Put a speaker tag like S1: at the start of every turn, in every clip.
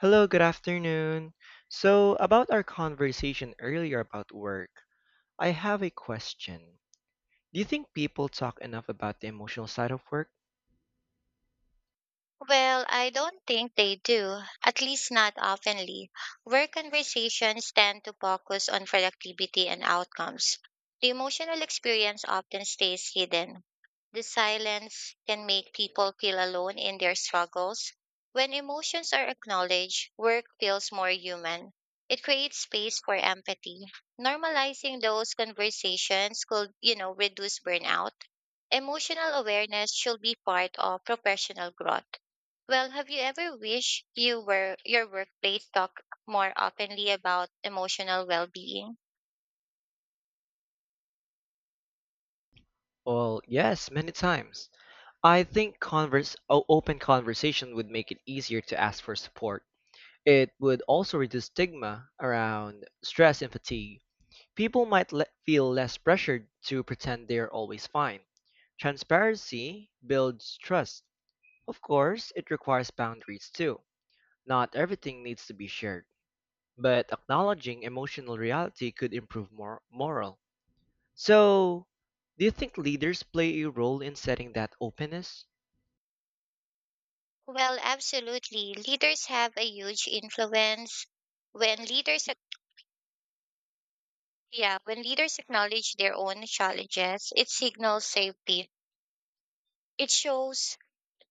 S1: Hello, good afternoon. So, about our conversation earlier about work, I have a question. Do you think people talk enough about the emotional side of work?
S2: Well, I don't think they do, at least not oftenly. Work conversations tend to focus on productivity and outcomes. The emotional experience often stays hidden. The silence can make people feel alone in their struggles. When emotions are acknowledged, work feels more human. It creates space for empathy. Normalizing those conversations could, reduce burnout. Emotional awareness should be part of professional growth. Well, have you ever wished you were your workplace talk more openly about emotional well-being?
S1: Well, yes, many times. I think open conversation would make it easier to ask for support. It would also reduce stigma around stress and fatigue. People might feel less pressured to pretend they are always fine. Transparency builds trust. Of course, it requires boundaries too. Not everything needs to be shared, but acknowledging emotional reality could improve moral. So, do you think leaders play a role in setting that openness?
S2: Well, absolutely. Leaders have a huge influence. When leaders ac- yeah, when leaders acknowledge their own challenges, it signals safety. It shows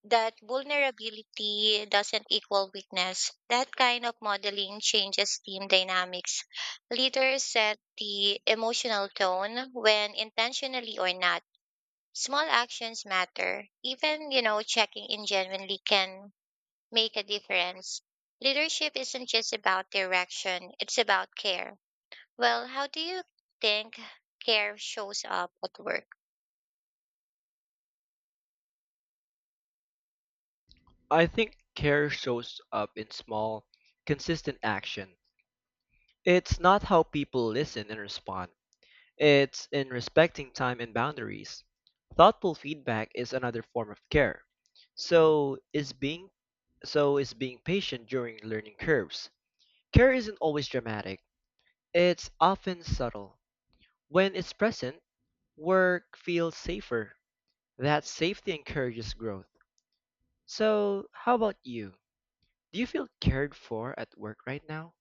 S2: that vulnerability doesn't equal weakness. That kind of modeling changes team dynamics. Leaders set the emotional tone when intentionally or not. Small actions matter. Even, checking in genuinely can make a difference. Leadership isn't just about direction, it's about care. Well, how do you think care shows up at work?
S1: I think care shows up in small, consistent action. It's not how people listen and respond. It's in respecting time and boundaries. Thoughtful feedback is another form of care. So is being so is being patient during learning curves. Care isn't always dramatic. It's often subtle. When it's present, work feels safer. That safety encourages growth. So, how about you? Do you feel cared for at work right now?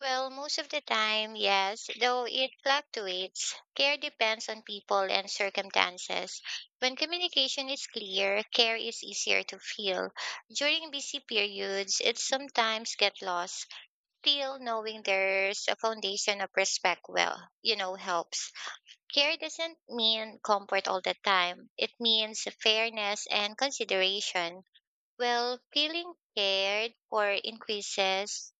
S2: Well, most of the time, yes, though it fluctuates. Care depends on people and circumstances. When communication is clear, care is easier to feel. During busy periods, it sometimes gets lost. Still, knowing there's a foundation of respect, well, helps. Care doesn't mean comfort all the time. It means fairness and consideration. Well, feeling cared for increases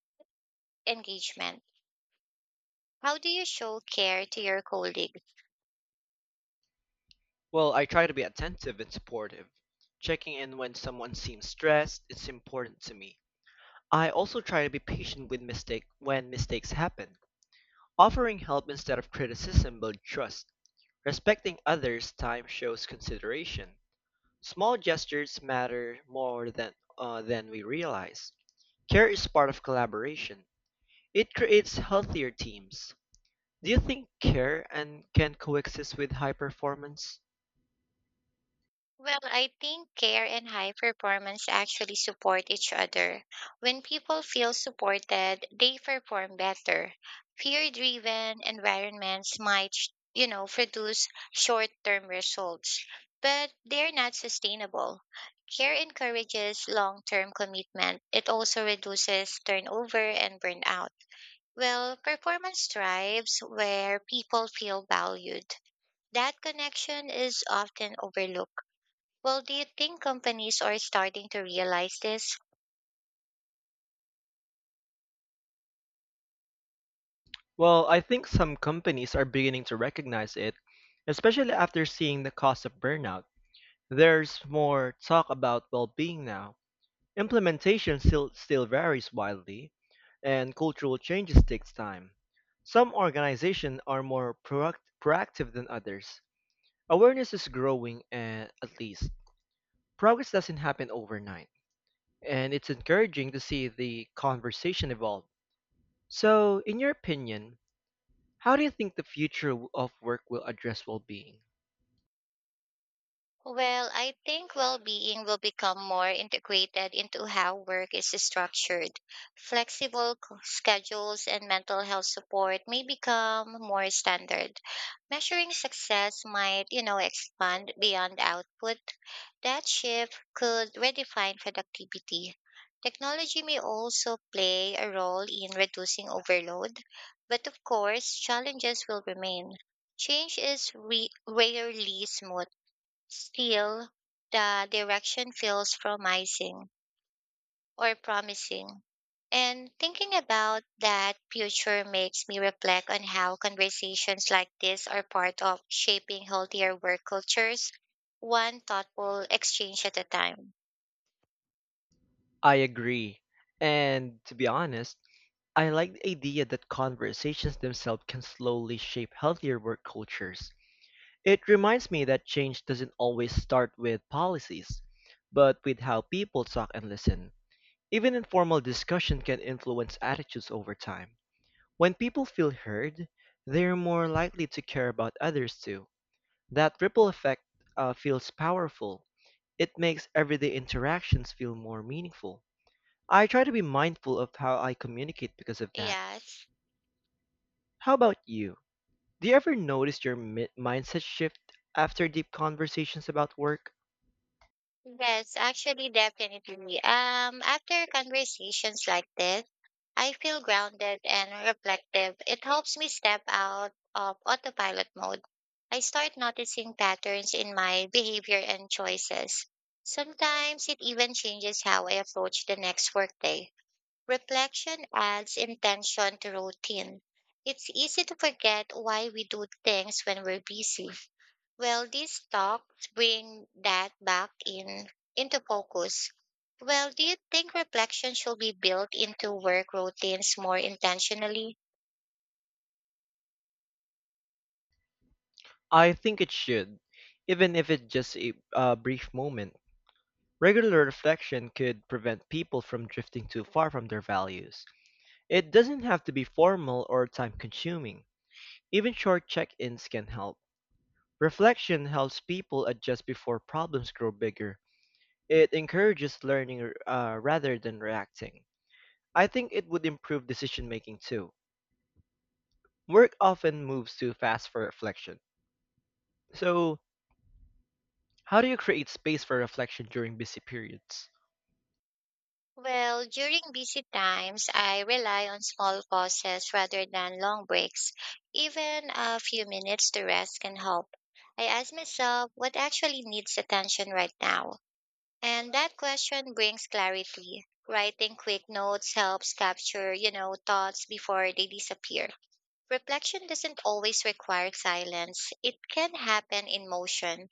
S2: engagement. How do you show care to your colleagues?
S1: Well, I try to be attentive and supportive. Checking in when someone seems stressed is important to me. I also try to be patient with mistake when mistakes happen. Offering help instead of criticism builds trust. Respecting others' time shows consideration. Small gestures matter more than we realize. Care is part of collaboration. It creates healthier teams. Do you think care and can coexist with high performance?
S2: Well, I think care and high performance actually support each other. When people feel supported, they perform better. Fear driven environments might, produce short term results, but they're not sustainable. Care encourages long term commitment. It also reduces turnover and burnout. Well, performance thrives where people feel valued. That connection is often overlooked. Well, do you think companies are starting to realize this?
S1: Well, I think some companies are beginning to recognize it, especially after seeing the cost of burnout. There's more talk about well-being now. Implementation still varies widely, and cultural changes takes time. Some organizations are more proactive than others. Awareness is growing, and at least progress doesn't happen overnight, and it's encouraging to see the conversation evolve. So, in your opinion, how do you think the future of work will address well-being?
S2: Well, I think well being will become more integrated into how work is structured. Schedules and mental health support may become more standard. Measuring success might, expand beyond output. That shift could redefine productivity. Technology may also play a role in reducing overload, but of course, challenges will remain. Rarely smooth. Still, the direction feels promising. And thinking about that future makes me reflect on how conversations like this are part of shaping healthier work cultures, one thoughtful exchange at a time.
S1: I agree. And to be honest, I like the idea that conversations themselves can slowly shape healthier work cultures. It reminds me that change doesn't always start with policies, but with how people talk and listen. Even informal discussion can influence attitudes over time. When people feel heard, they're more likely to care about others too. That ripple effect feels powerful. It makes everyday interactions feel more meaningful. I try to be mindful of how I communicate because of that.
S2: Yes,
S1: How about you? Do you ever notice your mindset shift after deep conversations about work?
S2: yes, actually, definitely. After conversations like this, I feel grounded and reflective. It helps me step out of autopilot mode. I start noticing patterns in my behavior and choices. Sometimes it even changes how I approach the next workday. Reflection adds intention to routine. It's easy to forget why we do things when we're busy. Well, these talks bring that back in into focus. Well, do you think reflection should be built into work routines more intentionally?
S1: I think it should, even if it's just a brief moment. Regular reflection could prevent people from drifting too far from their values. It doesn't have to be formal or time consuming. Even short check ins can help. Reflection helps people adjust before problems grow bigger. It encourages learning rather than reacting. I think it would improve decision making too. Work often moves too fast for reflection. So, how do you create space for reflection during busy periods?
S2: Well, during busy times, I rely on small pauses rather than long breaks. Even a few minutes to rest can help. I ask myself what actually needs attention right now. And that question brings clarity. Writing quick notes helps capture, thoughts before they disappear. Reflection doesn't always require silence. It can happen in motion.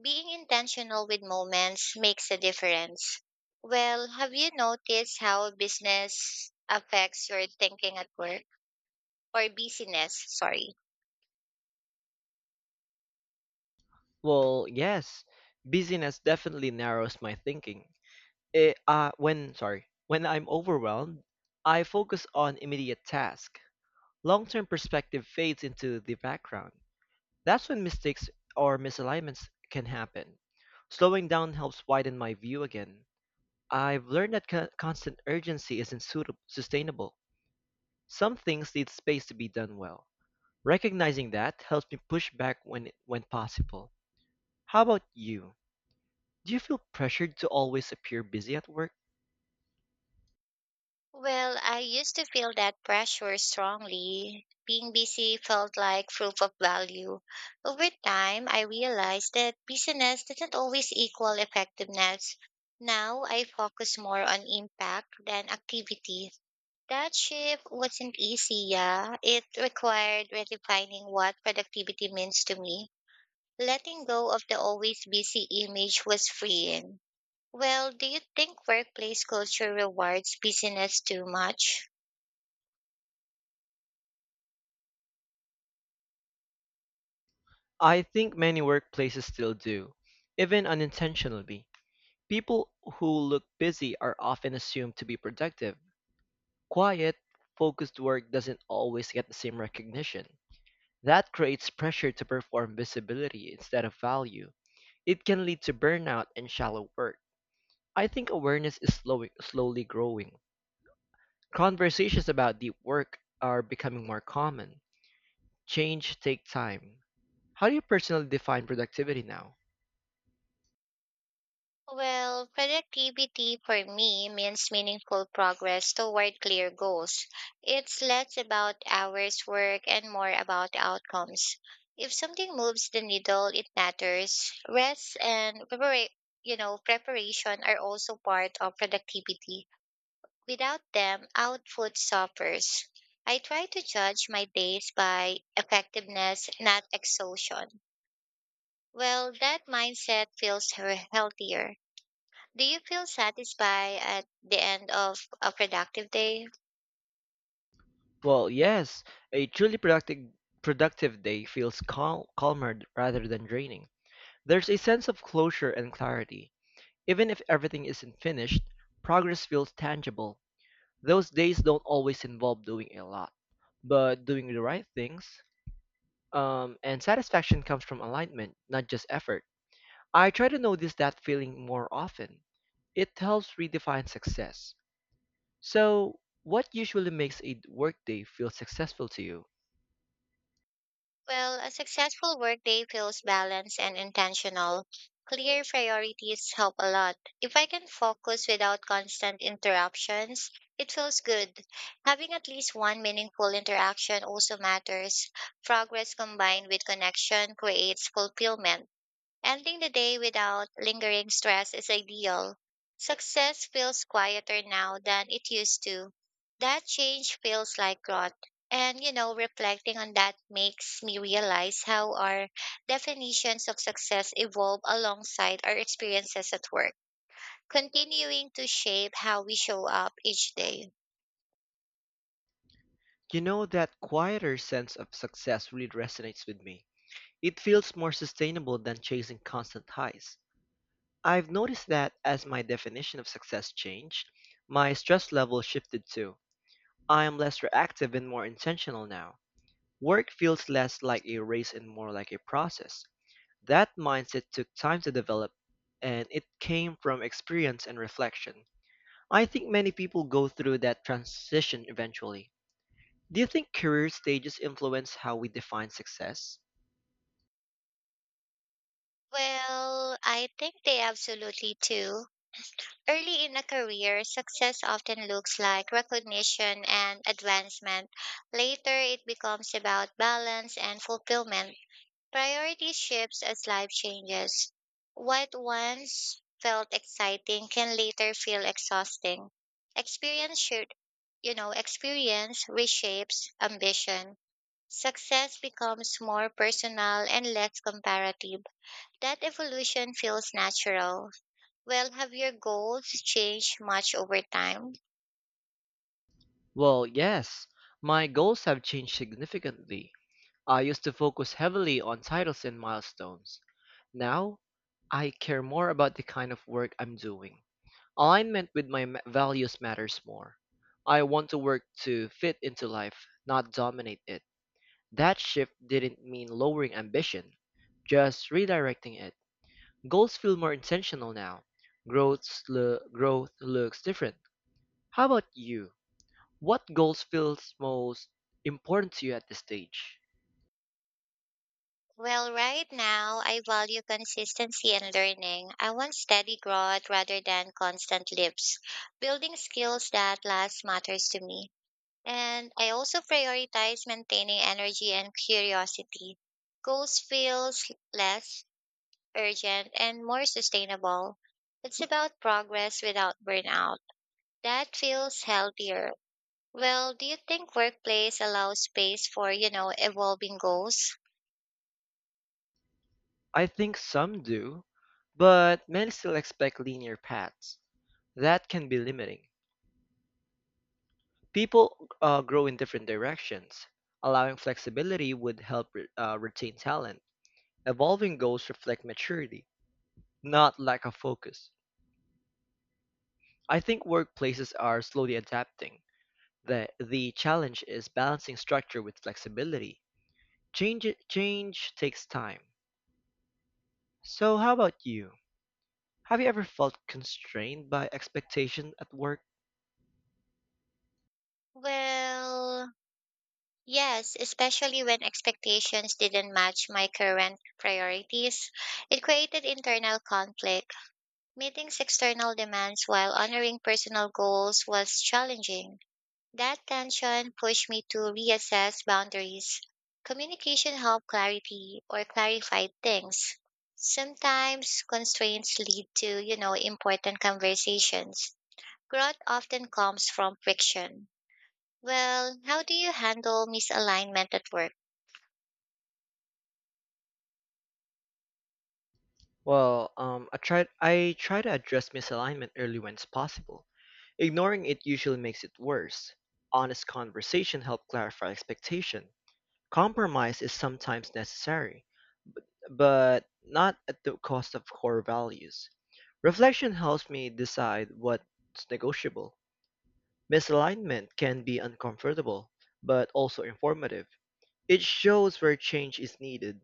S2: Being intentional with moments makes a difference. Well, have you noticed how business affects your thinking at work, or busyness? Sorry.
S1: Well, yes, busyness definitely narrows my thinking. When I'm overwhelmed, I focus on immediate tasks. Long-term perspective fades into the background. That's when mistakes or misalignments can happen. Slowing down helps widen my view again. I've learned that constant urgency isn't suitable, sustainable. Some things need space to be done well. Recognizing that helps me push back when possible. How about you? Do you feel pressured to always appear busy at work?
S2: Well, I used to feel that pressure strongly. Being busy felt like proof of value. Over time, I realized that busyness doesn't always equal effectiveness. Now I focus more on impact than activity. That shift wasn't easy, yeah. It required redefining what productivity means to me. Letting go of the always busy image was freeing. Well, do you think workplace culture rewards busyness too much?
S1: I think many workplaces still do, even unintentionally. People who look busy are often assumed to be productive. Quiet, focused work doesn't always get the same recognition. That creates pressure to perform visibility instead of value. It can lead to burnout and shallow work. I think awareness is slowing, slowly growing. Conversations about deep work are becoming more common. Change takes time. How do you personally define productivity now?
S2: Well, productivity for me means meaningful progress toward clear goals. It's less about hours work and more about outcomes. If something moves the needle, it matters. Preparation are also part of productivity. Without them, output suffers. I try to judge my days by effectiveness, not exhaustion. Well, that mindset feels he- healthier. Do you feel satisfied at the end of a productive day?
S1: Well, yes, a truly productive day feels calmer rather than draining. There's a sense of closure and clarity. Even if everything isn't finished, progress feels tangible. Those days don't always involve doing a lot, but doing the right things. And satisfaction comes from alignment, not just effort. I try to notice that feeling more often. It helps redefine success. So, what usually makes a workday feel successful to you?
S2: Well, a successful workday feels balanced and intentional. Clear priorities help a lot. If I can focus without constant interruptions, it feels good. Having at least one meaningful interaction also matters. Progress combined with connection creates fulfillment. Ending the day without lingering stress is ideal. Success feels quieter now than it used to. That change feels like growth. And, reflecting on that makes me realize how our definitions of success evolve alongside our experiences at work, continuing to shape how we show up each day.
S1: You know, that quieter sense of success really resonates with me. It feels more sustainable than chasing constant highs. I've noticed that as my definition of success changed, my stress level shifted too. I am less reactive and more intentional now. Work feels less like a race and more like a process. That mindset took time to develop, and it came from experience and reflection. I think many people go through that transition eventually. Do you think career stages influence how we define success?
S2: Well, I think they absolutely do. Early in a career, success often looks like recognition and advancement. Later, it becomes about balance and fulfillment. Priorities shifts as life changes. What once felt exciting can later feel exhausting. Experience should, you know, Experience reshapes ambition. Success becomes more personal and less comparative. That evolution feels natural. Well, have your goals changed much over time?
S1: Well, yes, my goals have changed significantly. I used to focus heavily on titles and milestones. Now, I care more about the kind of work I'm doing. Alignment with my values matters more. I want to work to fit into life, not dominate it. That shift didn't mean lowering ambition, just redirecting it. Goals feel more intentional now. Growth looks different. How about you? What goals feels most important to you at this stage?
S2: Well, right now, I value consistency and learning. I want steady growth rather than constant leaps. Building skills that last matters to me. And I also prioritize maintaining energy and curiosity. Goals feels less urgent and more sustainable. It's about progress without burnout. That feels healthier. Well, do you think workplace allows space for, evolving goals?
S1: I think some do, but many still expect linear paths. That can be limiting. People grow in different directions. Allowing flexibility would help retain talent. Evolving goals reflect maturity, not lack of focus. I think workplaces are slowly adapting. The challenge is balancing structure with flexibility. Change takes time. So, how about you? Have you ever felt constrained by expectation at work?
S2: Well, yes, especially when expectations didn't match my current priorities. It created internal conflict. Meeting external demands while honoring personal goals was challenging. That tension pushed me to reassess boundaries. Communication helped clarity or clarified things. Sometimes constraints lead to, important conversations. Growth often comes from friction. Well, how do you handle misalignment at work?
S1: Well, I tried. I try to address misalignment early when it's possible. Ignoring it usually makes it worse. Honest conversation help clarify expectation. Compromise is sometimes necessary, but not at the cost of core values. Reflection helps me decide what's negotiable. Misalignment can be uncomfortable, but also informative. It shows where change is needed.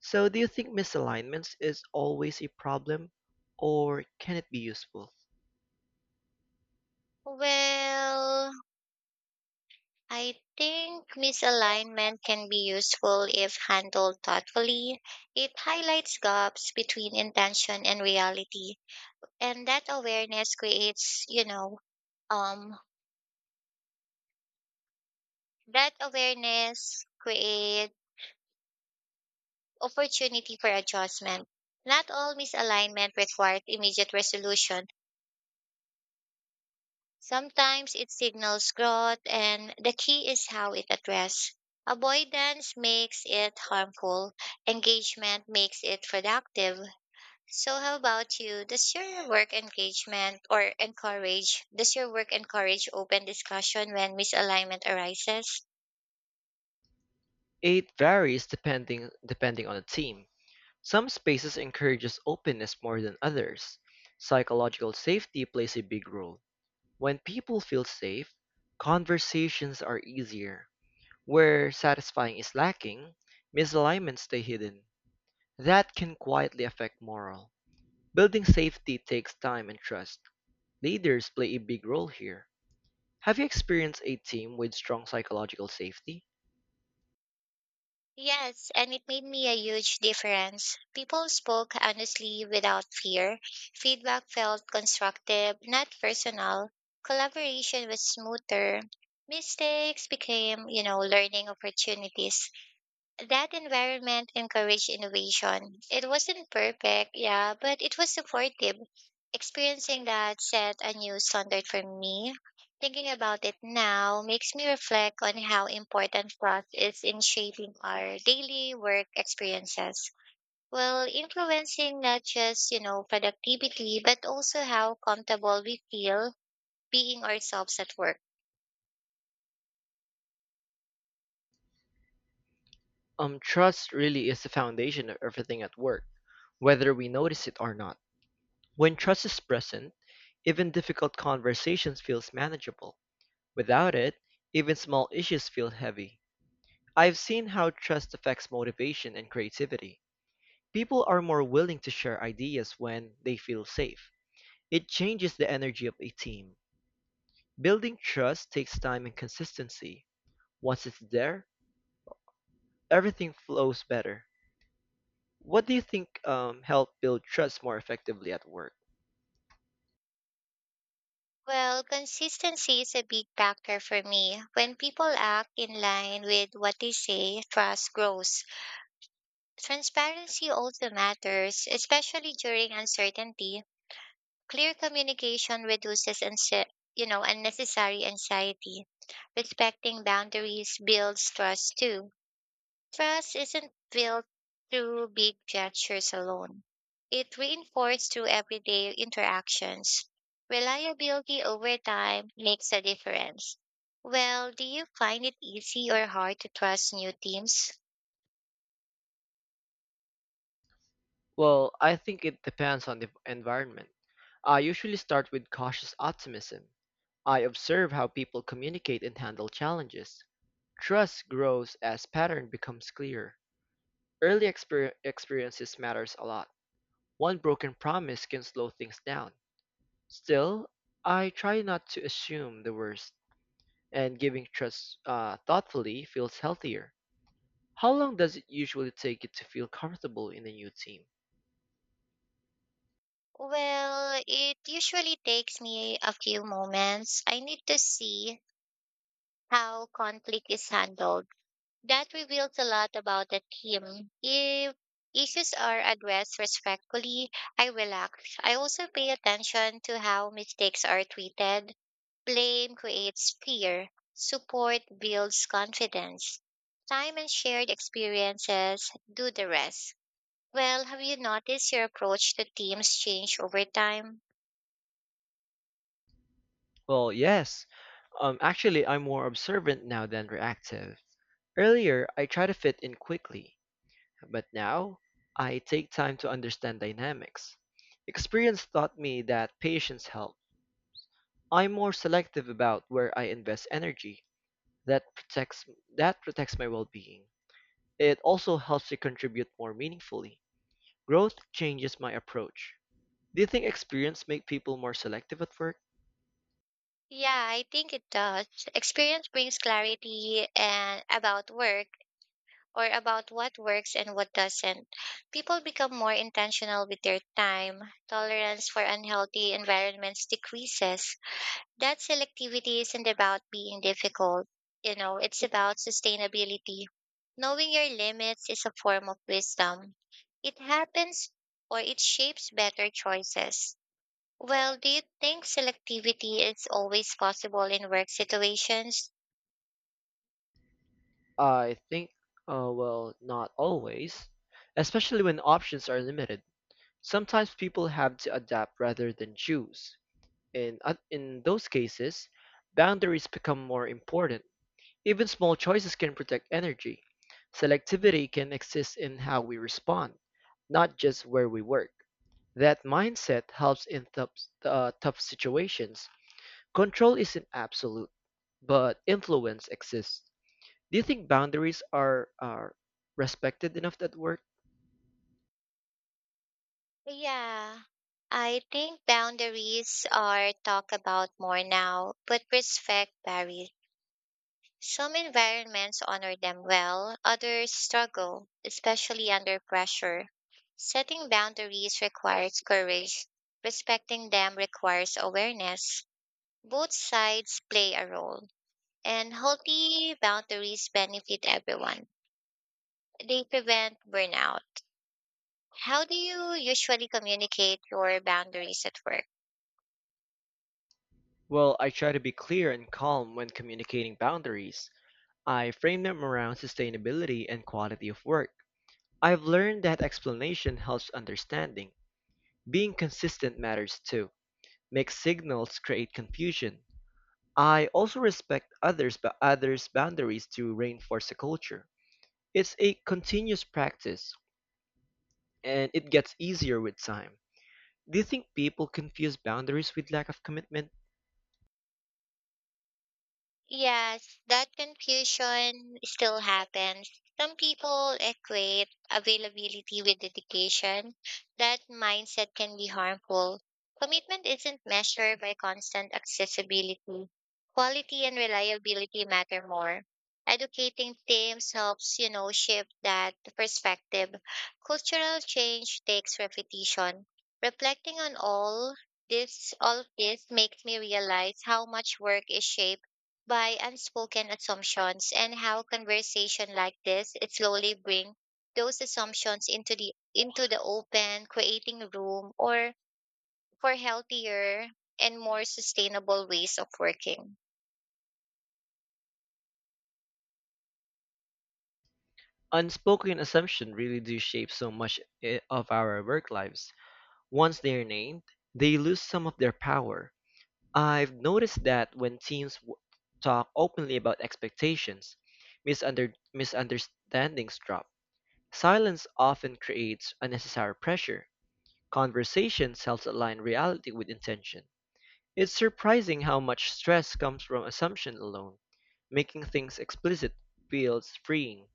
S1: So, do you think misalignments is always a problem, or can it be useful?
S2: Well, I think misalignment can be useful if handled thoughtfully. It highlights gaps between intention and reality, and um that awareness creates opportunity for adjustment. Not all misalignment requires immediate resolution. Sometimes it signals growth, and the key is how it addressed. Avoidance makes it harmful. Engagement makes it productive. So how about you? Does your work encourage open discussion when misalignment arises?
S1: It varies depending on the team. Some spaces encourages openness more than others. Psychological safety plays a big role. When people feel safe, conversations are easier. Where satisfying is lacking, misalignments stay hidden. That can quietly affect morale. Building safety takes time and trust. Leaders play a big role here. Have you experienced a team with strong psychological safety?
S2: Yes, and it made me a huge difference. People spoke honestly without fear. Feedback felt constructive, not personal. Collaboration was smoother. Mistakes became, learning opportunities. That environment encouraged innovation. It wasn't perfect, yeah, but it was supportive. Experiencing that set a new standard for me. Thinking about it now makes me reflect on how important trust is in shaping our daily work experiences. Well, influencing not just, productivity, but also how comfortable we feel being ourselves at work.
S1: Trust really is the foundation of everything at work, whether we notice it or not. When trust is present, even difficult conversations feels manageable. Without it, even small issues feel heavy. I've seen how trust affects motivation and creativity. People are more willing to share ideas when they feel safe. It changes the energy of a team. Building trust takes time and consistency. Once it's there, everything flows better. What do you think helped build trust more effectively at work?
S2: Well, consistency is a big factor for me. When people act in line with what they say, trust grows. Transparency also matters, especially during uncertainty. Clear communication reduces anxie- you know, unnecessary anxiety. Respecting boundaries builds trust too. Trust isn't built through big gestures alone. It reinforced through everyday interactions. Reliability over time makes a difference. Well, do you find it easy or hard to trust new teams?
S1: Well, I think it depends on the environment. I usually start with cautious optimism. I observe how people communicate and handle challenges. Trust grows as pattern becomes clear. Early experiences matters a lot. One broken promise can slow things down. Still, I try not to assume the worst, and giving trust thoughtfully feels healthier. How long does it usually take you to feel comfortable in a new team?
S2: Well, it usually takes me a few moments. I need to see how conflict is handled. That reveals a lot about the team. If issues are addressed respectfully, I relax. I also pay attention to how mistakes are treated. Blame creates fear. Support builds confidence. Time and shared experiences do the rest. Well, have you noticed your approach to teams change over time?
S1: Well, yes. Actually, I'm more observant now than reactive. Earlier, I try to fit in quickly, but now I take time to understand dynamics. Experience taught me that patience helps. I'm more selective about where I invest energy. That protects that protects my well-being. It also helps to contribute more meaningfully. Growth changes my approach. Do you think experience make people more selective at work?
S2: Yeah, I think it does. Experience brings clarity and about work or about what works and what doesn't. People become more intentional with their time. Tolerance for unhealthy environments decreases. That selectivity isn't about being difficult, it's about sustainability. Knowing your limits is a form of wisdom. It happens or It shapes better choices. Well, do you think selectivity is always possible in work situations?
S1: I think, not always, especially when options are limited. Sometimes people have to adapt rather than choose. In those cases, boundaries become more important. Even small choices can protect energy. Selectivity can exist in how we respond, not just where we work. That mindset helps in tough situations. Control isn't absolute, but influence exists. Do you think boundaries are respected enough at work?
S2: Yeah, I think boundaries are talked about more now, but respect varies. Some environments honor them well, others struggle, especially under pressure. Setting boundaries requires courage. Respecting them requires awareness. Both sides play a role, and healthy boundaries benefit everyone. They prevent burnout. How do you usually communicate your boundaries at work?
S1: Well, I try to be clear and calm when communicating boundaries. I frame them around sustainability and quality of work. I've learned that explanation helps understanding. Being consistent matters too. Mixed signals create confusion. I also respect others' boundaries to reinforce a culture. It's a continuous practice and it gets easier with time. Do you think people confuse boundaries with lack of commitment?
S2: Yes, that confusion still happens. Some people equate availability with dedication. That mindset can be harmful. Commitment isn't measured by constant accessibility. Quality and reliability matter more. Educating teams helps, shift that perspective. Cultural change takes repetition. Reflecting on all of this makes me realize how much work is shaped by unspoken assumptions, and how conversation like this it slowly bring those assumptions into the open, creating room or for healthier and more sustainable ways of working.
S1: Unspoken assumptions really do shape so much of our work lives. Once they're named, they lose some of their power. I've noticed that when teams talk openly about expectations, misunderstandings drop. Silence often creates unnecessary pressure. Conversations helps align reality with intention. It's surprising how much stress comes from assumption alone. Making things explicit feels freeing.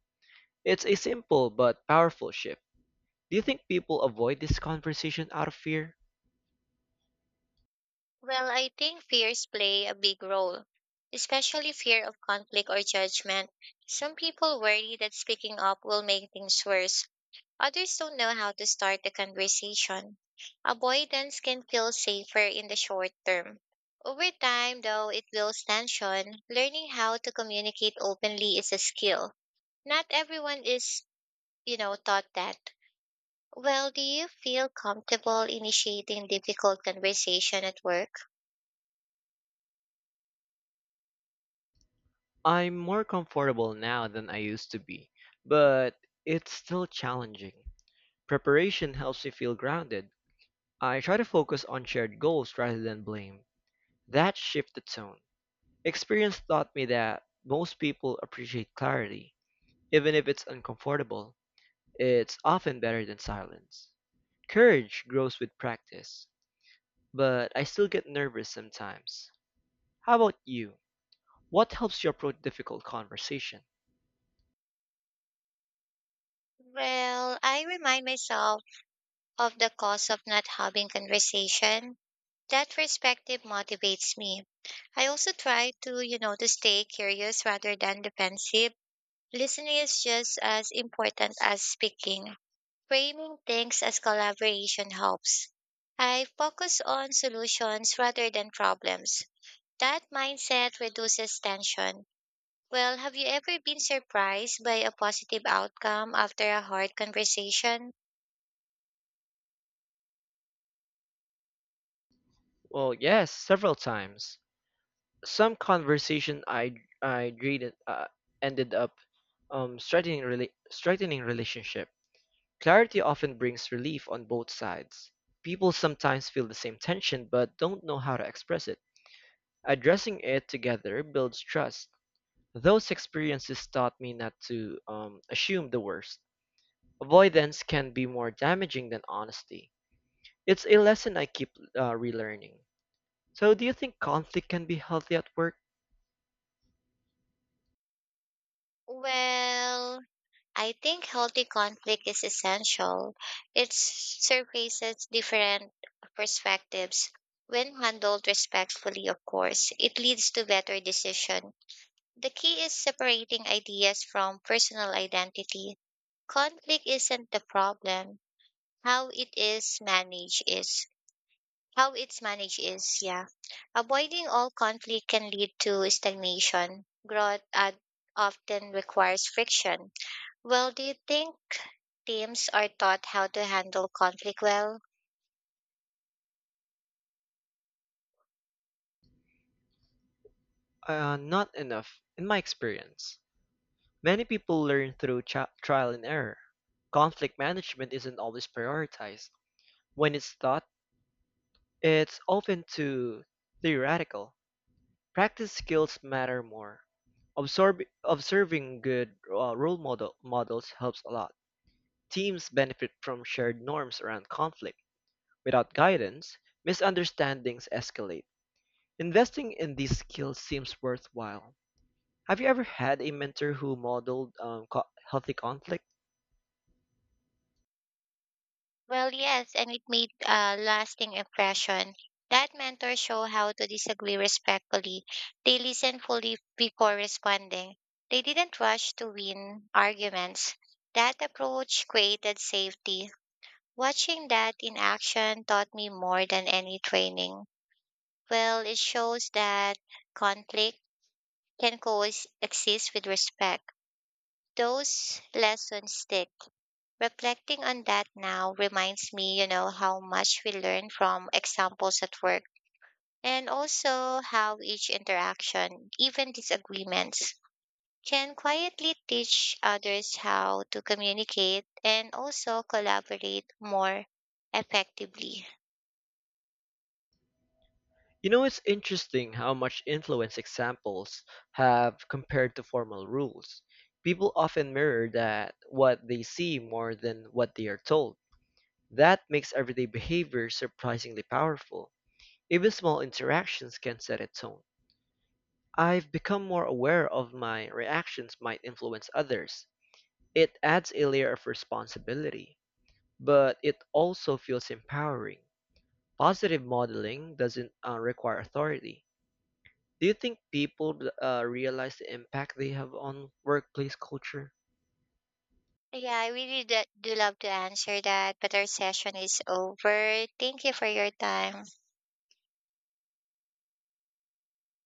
S1: It's a simple but powerful shift. Do you think people avoid this conversation out of fear?
S2: Well, I think fears play a big role, especially fear of conflict or judgment. Some people worry that speaking up will make things worse. Others don't know how to start the conversation. Avoidance can feel safer in the short term. Over time, though, it builds tension. Learning how to communicate openly is a skill. Not everyone is, taught that. Well, do you feel comfortable initiating difficult conversation at work?
S1: I'm more comfortable now than I used to be, but it's still challenging. Preparation helps me feel grounded. I try to focus on shared goals rather than blame. That shifted the tone. Experience taught me that most people appreciate clarity. Even if it's uncomfortable, it's often better than silence. Courage grows with practice, but I still get nervous sometimes. How about you? What helps you approach difficult conversation?
S2: Well, I remind myself of the cost of not having conversation. That perspective motivates me. I also try to, to stay curious rather than defensive. Listening is just as important as speaking. Framing things as collaboration helps. I focus on solutions rather than problems. That mindset reduces tension. Well, have you ever been surprised by a positive outcome after a hard conversation?
S1: Well, yes, several times. Some conversation I dreaded ended up straightening relationship. Clarity often brings relief on both sides. People sometimes feel the same tension but don't know how to express it. Addressing it together builds trust. Those experiences taught me not to assume the worst. Avoidance can be more damaging than honesty. It's a lesson I keep relearning. So, do you think conflict can be healthy at work?
S2: Well, I think healthy conflict is essential. It surfaces different perspectives. When handled respectfully, of course, it leads to better decision. The key is separating ideas from personal identity. Conflict isn't the problem. How it is managed is how it's managed is, yeah. Avoiding all conflict can lead to stagnation. Growth often requires friction. Well, do you think teams are taught how to handle conflict well?
S1: Not enough, in my experience. Many people learn through trial and error. Conflict management isn't always prioritized. When it's taught, it's often too theoretical. Practice skills matter more. Observing good models helps a lot. Teams benefit from shared norms around conflict. Without guidance, misunderstandings escalate. Investing in these skills seems worthwhile. Have you ever had a mentor who modeled healthy conflict?
S2: Well, yes, and it made a lasting impression. That mentor show how to disagree respectfully. They listened fully before responding. They didn't rush to win arguments. That approach created safety. Watching that in action taught me more than any training. Well, it shows that conflict can coexist with respect. Those lessons stick. Reflecting on that now reminds me, how much we learn from examples at work, and also how each interaction, even disagreements, can quietly teach others how to communicate and also collaborate more effectively.
S1: You know, it's interesting how much influence examples have compared to formal rules. People often mirror that what they see more than what they are told. That makes everyday behavior surprisingly powerful. Even small interactions can set a tone. I've become more aware of my reactions might influence others. It adds a layer of responsibility, but it also feels empowering. Positive modeling doesn't require authority. Do you think people realize the impact they have on workplace culture?
S2: Yeah, I really do love to answer that, but our session is over. Thank you for your time.